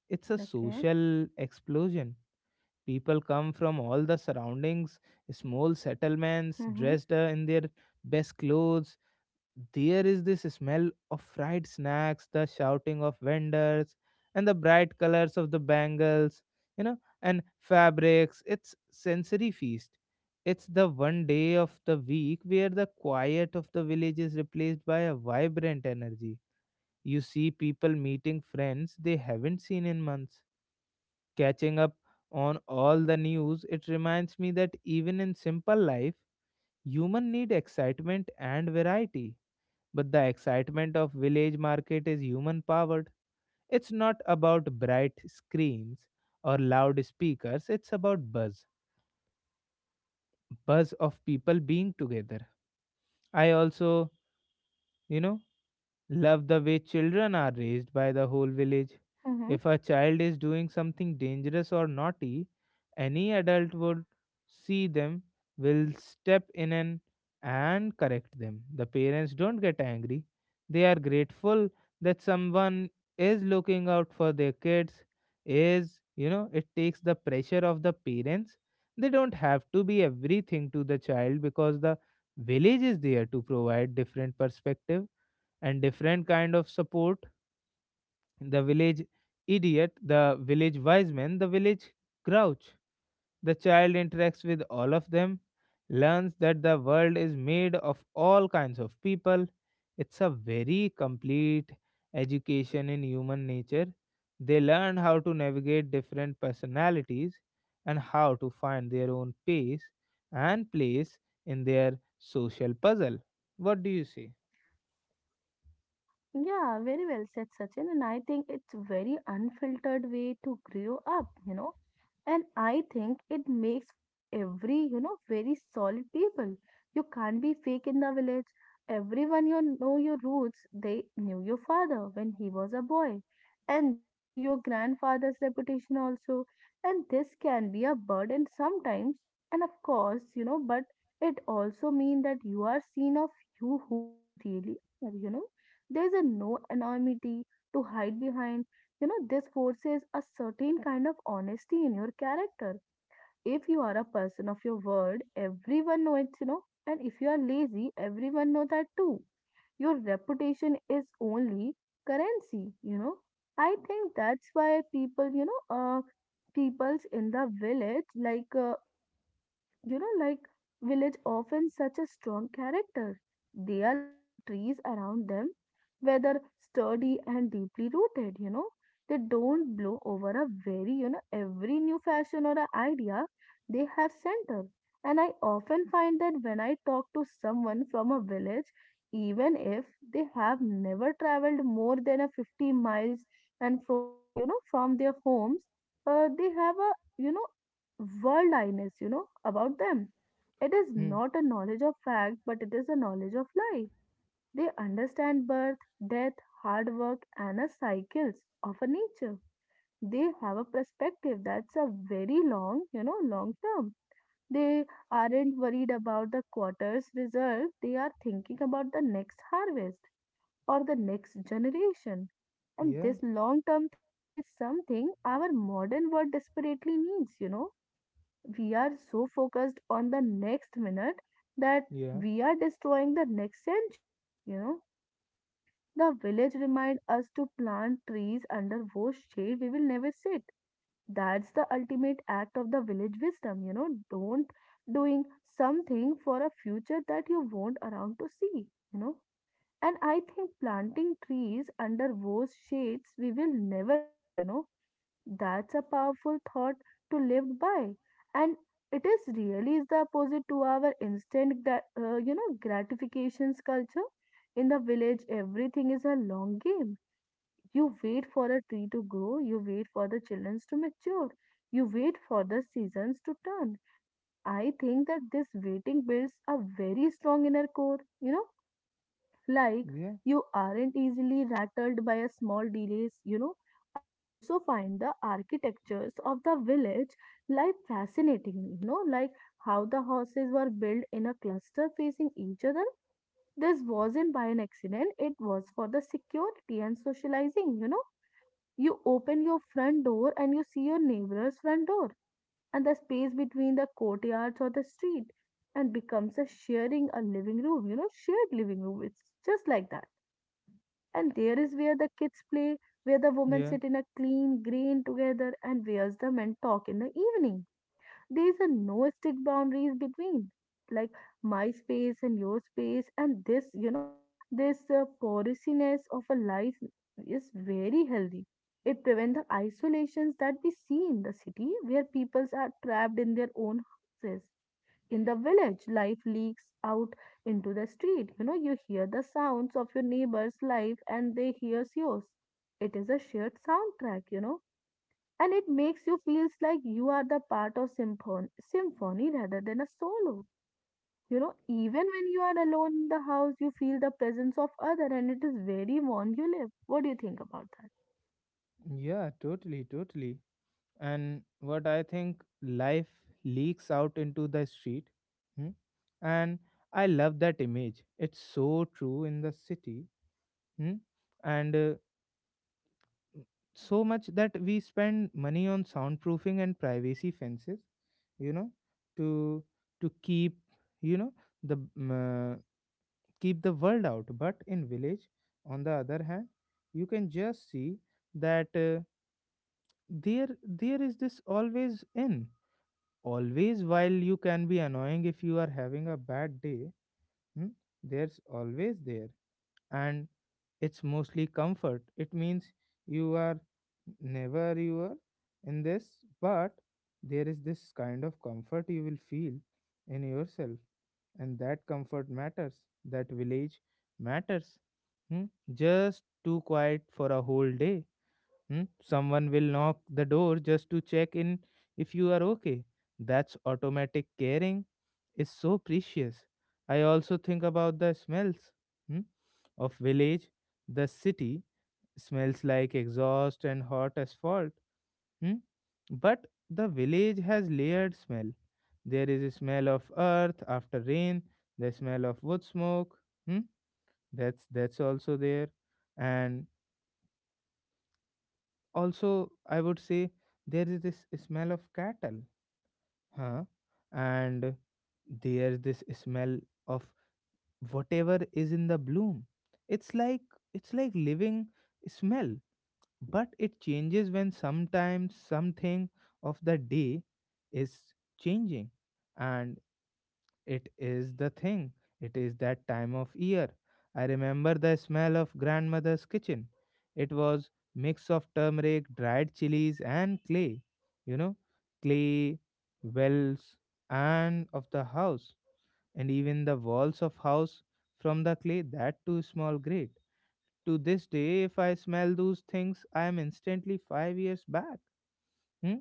Speaker 1: It's a
Speaker 2: Okay.
Speaker 1: social explosion. People come from all the surroundings, small settlements,
Speaker 2: Mm-hmm.
Speaker 1: dressed in their best clothes, there is this smell of fried snacks, the shouting of vendors, and the bright colors of the bangles, and fabrics. It's sensory feast. It's the one day of the week where the quiet of the village is replaced by a vibrant energy. You see people meeting friends they haven't seen in months, catching up on all the news. It reminds me that even in simple life, human need excitement and variety, but the excitement of village market is human powered. It's not about bright screens or loud speakers, it's about buzz. Buzz of people being together. I also, you know, love the way children are raised by the whole village.
Speaker 2: Mm-hmm.
Speaker 1: If a child is doing something dangerous or naughty, any adult would see them, will step in and correct them. The parents don't get angry. They are grateful that someone is looking out for their kids. Is, it takes the pressure of the parents. They don't have to be everything to the child because the village is there to provide different perspective and different kind of support, the village idiot, the village wise man, the village grouch, the child interacts with all of them, learns that the world is made of all kinds of people. It's a very complete education in human nature. They learn how to navigate different personalities and how to find their own pace and place in their social puzzle. What do you say?
Speaker 2: Yeah, very well said, Sachin. And I think it's very unfiltered way to grow up, you know. And I think it makes for every, you know, very solid people. You can't be fake in the village. Everyone you know your roots. They knew your father when he was a boy. And they knew your grandfather's reputation also. And this can be a burden sometimes. And of course, you know, but it also means that you are seen of you who you really are, you know, there's a no anonymity to hide behind. You know, this forces a certain kind of honesty in your character. If you are a person of your word, everyone knows it, you know, and if you are lazy, everyone knows that too. Your reputation is only currency, you know. I think that's why people, you know, peoples in the village, like, you know, like village often such a strong character. They are like the trees around them, whether sturdy and deeply rooted, you know. They don't blow over a very, you know, every new fashion or a idea. They have center. And I often find that when I talk to someone from a village, even if they have never traveled more than a 50 miles and from, you know, from their homes, they have a, you know, world awareness, you know, about them. It is
Speaker 1: Hmm.
Speaker 2: not a knowledge of fact, but it is a knowledge of life. They understand birth, death, hard work, and the cycles of a nature. They have a perspective that's a very long, you know, long term. They aren't worried about the quarter's result. They are thinking about the next harvest or the next generation. And
Speaker 1: Yeah,
Speaker 2: this long term thinking is something our modern world desperately needs, you know. We are so focused on the next minute that
Speaker 1: yeah.
Speaker 2: we are destroying the next century, you know. The village remind us to plant trees under whose shade we will never sit. That's the ultimate act of the village wisdom, you know. Don't Doing something for a future that you won't around to see, you know. And I think planting trees under whose shades we will never sit, you know, that's a powerful thought to live by, and it is really is the opposite to our instant, you know, gratifications culture. In the village, everything is a long game. You wait for a tree to grow, you wait for the children to mature, you wait for the seasons to turn. And I think that this waiting builds a very strong inner core. You know, like,
Speaker 1: Yeah,
Speaker 2: you aren't easily rattled by a small delays, you know. I also find the architectures of the village, like, fascinating, you know, like how the houses were built in a cluster facing each other. This wasn't by an accident, it was for the security and socializing, you know. You open your front door and you see your neighbor's front door, and the space between the courtyards or the street and becomes a sharing a living room, you know, shared living room, it's just like that. And there is where the kids play, where the women
Speaker 1: yeah,
Speaker 2: sit in a clean green together, and where's the men talk in the evening. There's a no stick boundaries between, like, my space and your space, and this, you know, this porousness of a life is very healthy. It prevents the isolations that we see in the city where peoples are trapped in their own houses. In the village, life leaks out into the street. You know, you hear the sounds of your neighbor's life and they hears yours. It is a shared soundtrack, you know, and it makes you feels like you are the part of symphony rather than a solo. You know, even when you are alone in the house, you feel the presence of other and it is very warm you live. What do you think about that?
Speaker 1: yeah, totally, totally. And what I think, life leaks out into the street. Hmm? And I love that image. It's so true in the city. Hmm? And so much that we spend money on soundproofing and privacy fences, you know, to to keep, you know, the mm, uh, keep the world out. But in village, on the other hand, you can just see that. There there is this always in always, while you can be annoying if you are having a bad day. Hmm? There's always there, and it's mostly comfort. It means you are, never you are, in this, but there is this kind of comfort you will feel in yourself, and that comfort matters, that village matters. Hmm? Just too quiet for a whole day. Hmm? Someone will knock the door just to check in if you are okay. That's automatic caring is so precious. I also think about the smells, hmm, of village. The city smells like exhaust and hot asphalt. Hmm, but the village has layered smell. There is a smell of earth after rain, the smell of wood smoke. Hmm, that's also there. And also, I would say there is this smell of cattle, huh? And there's this smell of whatever is in the bloom. It's like it's like living smell, but it changes when sometimes something of the day is changing, and it is the thing. It is that time of year. I remember the smell of grandmother's kitchen. It was mix of turmeric, dried chilies and clay. You know, clay, wells and of the house, and even the walls of house from the clay that too small grate. To this day if I smell those things I am instantly 5 years back. Hmm?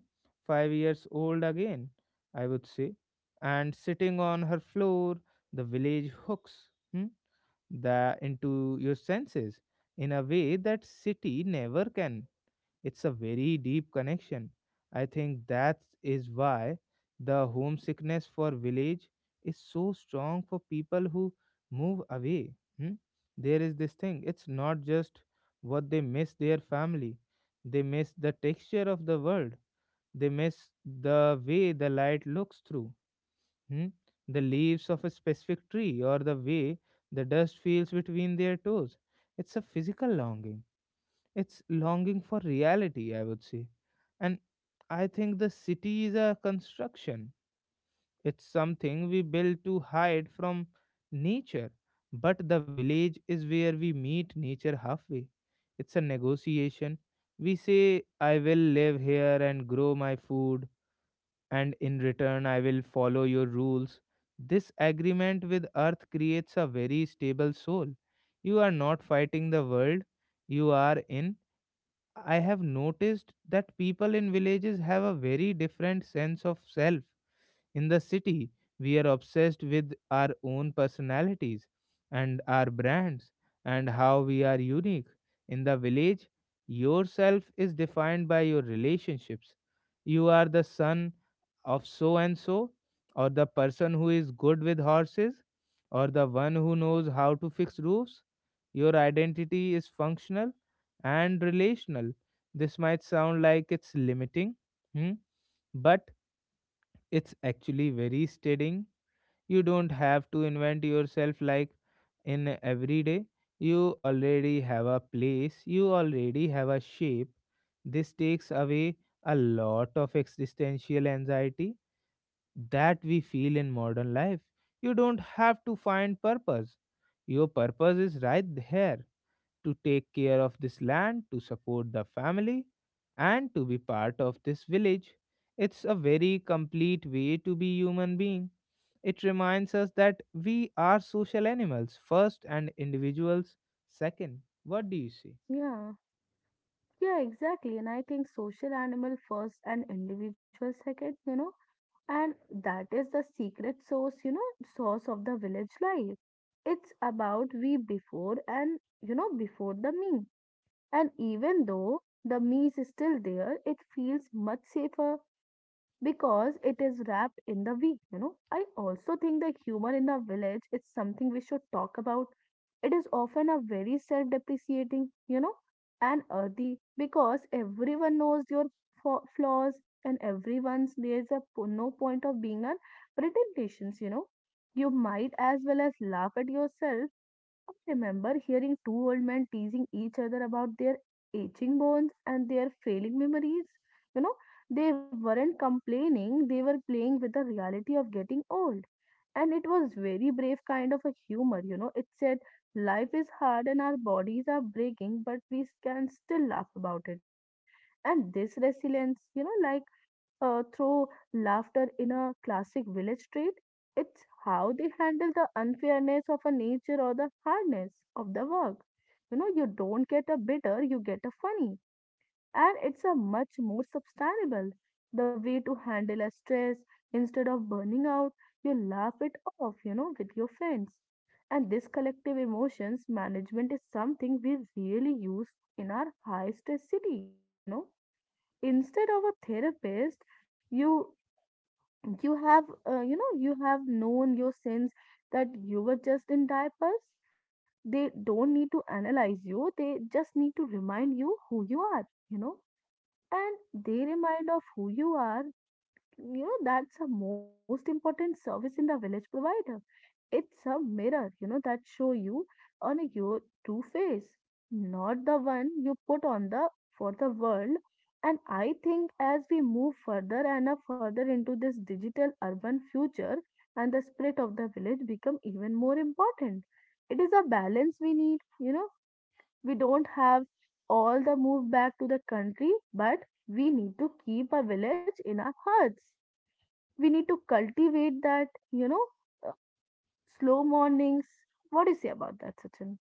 Speaker 1: 5 years old again, I would say. And sitting on her floor, the village hooks, hmm, the into your senses in a way that city never can. It's a very deep connection. I think that is why the homesickness for village is so strong for people who move away. Hmm? There is this thing. It's not just what they miss their family. They miss the texture of the world, they miss the way the light looks through, hmm, the leaves of a specific tree or the way the dust feels between their toes. It's a physical longing. It's longing for reality, I would say. And I think the city is a construction. It's something we build to hide from nature. But the village is where we meet nature halfway. It's a negotiation. We say, I will live here and grow my food and in return I will follow your rules. This agreement with Earth creates a very stable soul. You are not fighting the world you are in. I have noticed that people in villages have a very different sense of self. In the city, we are obsessed with our own personalities and our brands and how we are unique. In the village, yourself is defined by your relationships. You are the son of so and so, or the person who is good with horses, or the one who knows how to fix roofs. Your identity is functional and relational. This might sound like it's limiting, hmm, but it's actually very steadying. You don't have to invent yourself like in every day. You already have a place, you already have a shape. This takes away a lot of existential anxiety that we feel in modern life. You don't have to find purpose. Your purpose is right there, to take care of this land, to support the family, and to be part of this village. It's a very complete way to be human being. It reminds us that we are social animals first and individuals second. What do you say?
Speaker 2: Yeah. Yeah, exactly. And I think social animal first and individual second, you know. And that is the secret source, you know, source of the village life. It's about we before and, you know, before the me. And even though the me is still there, it feels much safer because it is wrapped in the we, you know. I also think the humor in the village is something we should talk about. It is often a very self depreciating, you know, and earthy because everyone knows your flaws, and everyone's there's a no point of being on pretensions, you know. You might as well as laugh at yourself. I remember hearing two old men teasing each other about their aching bones and their failing memories. You know, they weren't complaining, they were playing with the reality of getting old, and it was very brave kind of a humor, you know, it said life is hard and our bodies are breaking but we can still laugh about it, you know. And this resilience, you know, like, through laughter in a classic village trait, it's how they handle the unfairness of a nature or the hardness of the work, you know. You don't get a bitter, you get a funny, and it's a much more sustainable the way to handle a stress. Instead of burning out, you laugh it off, you know, with your friends. And this collective emotions management is something we really use in our high stress city, you know. Instead of a therapist, you you have, you know, you have known your sins that you were just in diapers. They don't need to analyze you, they just need to remind you who you are, you know. And they remind of who you are, you know, that's the most important service in the village provider. It's a mirror, you know, that show you on your true face, not the one you put on the for the world. And I think as we move further and up further into this digital urban future, and the spirit of the village become even more important. It is a balance we need, you know. We don't have all the move back to the country, but we need to keep a village in our hearts. We need to cultivate that, you know, uh, slow mornings. What do you say about that, Sachin?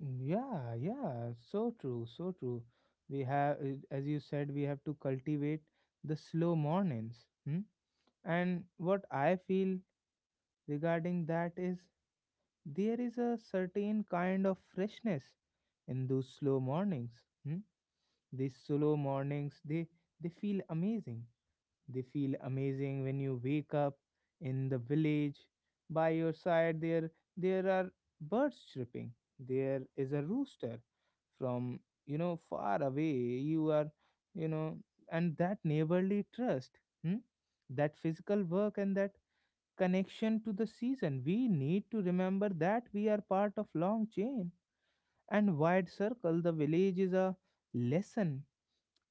Speaker 1: Yeah, yeah, so true, so true. We have, as you said, we have to cultivate the slow mornings. Hmm? And what I feel regarding that is there is a certain kind of freshness in those slow mornings. Hmm? These slow mornings, they feel amazing. They feel amazing when you wake up in the village. By your side, there are birds chirping. There is a rooster from, you know, far away. You are, you know, and that neighborly trust, hmm, that physical work, and that connection to the season. We need to remember that we are part of long chain and wide circle. The village is a lesson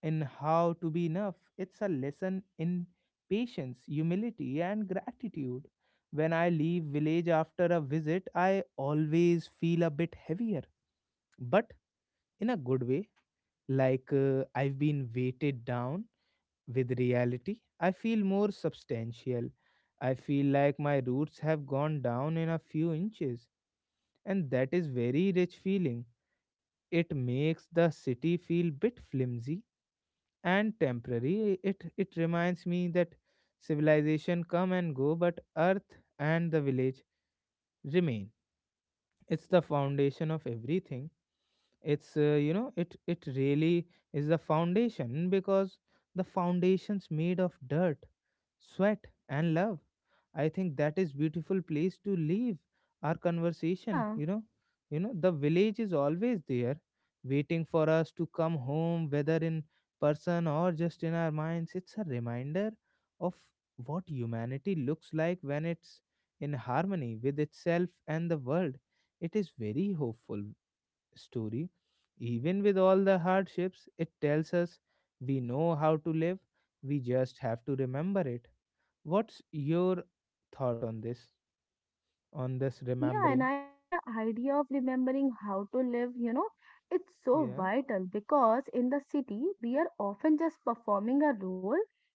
Speaker 1: in how to be enough. It's a lesson in patience, humility, and gratitude. When I leave village after a visit, I always feel a bit heavier, but in a good way. Like I've been weighted down with reality. I feel more substantial. I feel like my roots have gone down in a few inches, and that is very rich feeling. It makes the city feel bit flimsy and temporary. It reminds me that civilization come and go, but earth and the village remain. It's the foundation of everything. It's you know, it really is the foundation because the foundation's made of dirt, sweat, and love. I think that is beautiful place to leave our conversation,
Speaker 2: Yeah.
Speaker 1: you know. You know, the village is always there, waiting for us to come home, whether in person or just in our minds. It's a reminder of what humanity looks like when it's in harmony with itself and the world. It is very hopeful story. Even with all the hardships, it tells us we know how to live, we just have to remember it. What's your thought on this? On this
Speaker 2: Yeah, and
Speaker 1: remembering?
Speaker 2: I think the idea of remembering how to live, you know, it's so
Speaker 1: Yeah,
Speaker 2: vital because in the city, we are often just performing a role,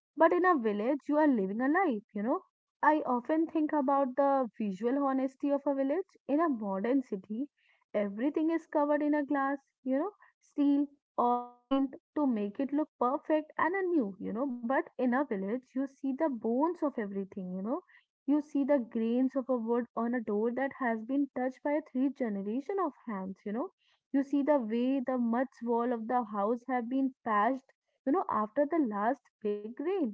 Speaker 2: but in a village, you are living a life, you know. I often think about the visual honesty of a village. In a modern city, everything is covered in a glass, you know, steel or paint to make it look perfect and a new, you know, but in a village, you see the bones of everything, you know, you see the grains of a wood on a door that has been touched by three generation of hands, you know. You see the way the mud's wall of the house have been patched, you know, after the last big rain.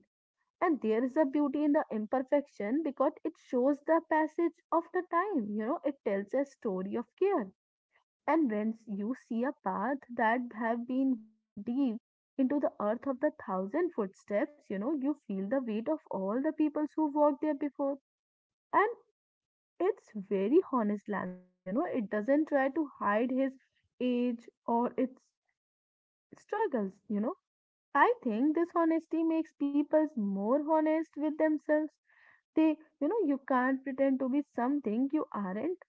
Speaker 2: And there is a beauty in the imperfection because it shows the passage of the time, you know, it tells a story of care. And when you see a path that have been worn deep into the earth of the thousand footsteps, you know, you feel the weight of all the peoples who walked there before. And it's very honest landscape, you know, it doesn't try to hide his age or its struggles, you know. I think this honesty makes people more honest with themselves. They, you know, you can't pretend to be something you aren't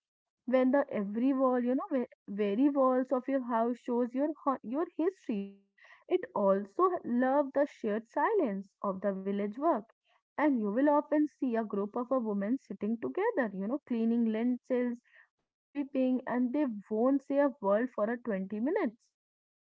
Speaker 2: when the every wall, you know, where very walls of your house shows your your history, you know. It also love the shared silence of the village work, and you will often see a group of a women sitting together, you know, cleaning lentils or sweeping, and they won't say a word for a 20 minutes,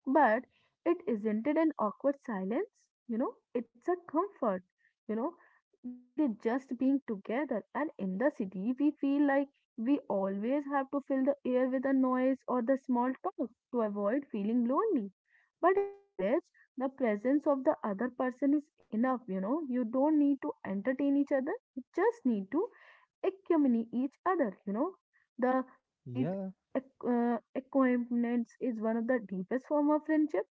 Speaker 2: but it isn't it an awkward silence? You know, it's a comfort. You know, they're just being together. And in the city, we feel like we always have to fill the air with a noise or the small talk to avoid feeling lonely. But in the village, the presence of the other person is enough. You know, you don't need to entertain each other. You just need to accompany each other, you know. The quiet
Speaker 1: yeah,
Speaker 2: acquaintance is one of the deepest form of friendship.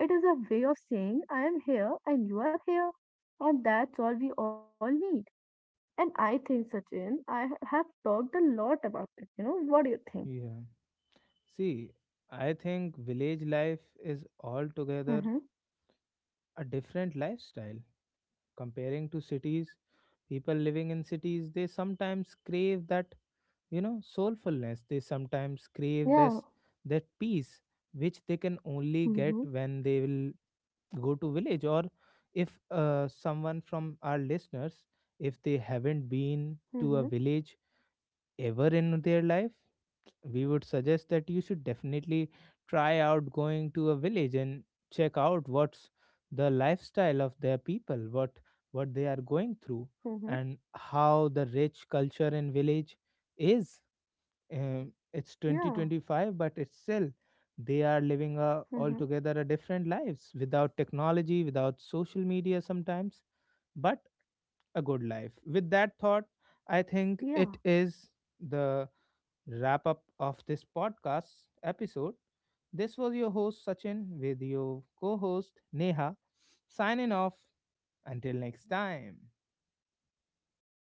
Speaker 2: It is a way of saying I am here and you are here. And that's all we all need. And I think, Sachin, I have talked a lot about it. You know, what do you think?
Speaker 1: yeah. See, I think village life is altogether
Speaker 2: Mm-hmm.
Speaker 1: a different lifestyle. Comparing to cities, people living in cities, they sometimes crave that, you know, soulfulness. They sometimes crave
Speaker 2: Yeah.
Speaker 1: this that peace which they can only get
Speaker 2: Mm-hmm.
Speaker 1: when they will go to village, or if someone from our listeners, if they haven't been
Speaker 2: Mm-hmm.
Speaker 1: to a village ever in their life, we would suggest that you should definitely try out going to a village and check out what's the lifestyle of their people, what they are going through,
Speaker 2: Mm-hmm.
Speaker 1: and how the rich culture in village is. It's
Speaker 2: Yeah.
Speaker 1: 2025 but it's still they are living a
Speaker 2: Mm-hmm.
Speaker 1: altogether a different lives without technology without social media sometimes, but a good life. With that thought, I think
Speaker 2: Yeah.
Speaker 1: it is the wrap up of this podcast episode. This was your host Sachin with your co-host Neha, signing off until next time.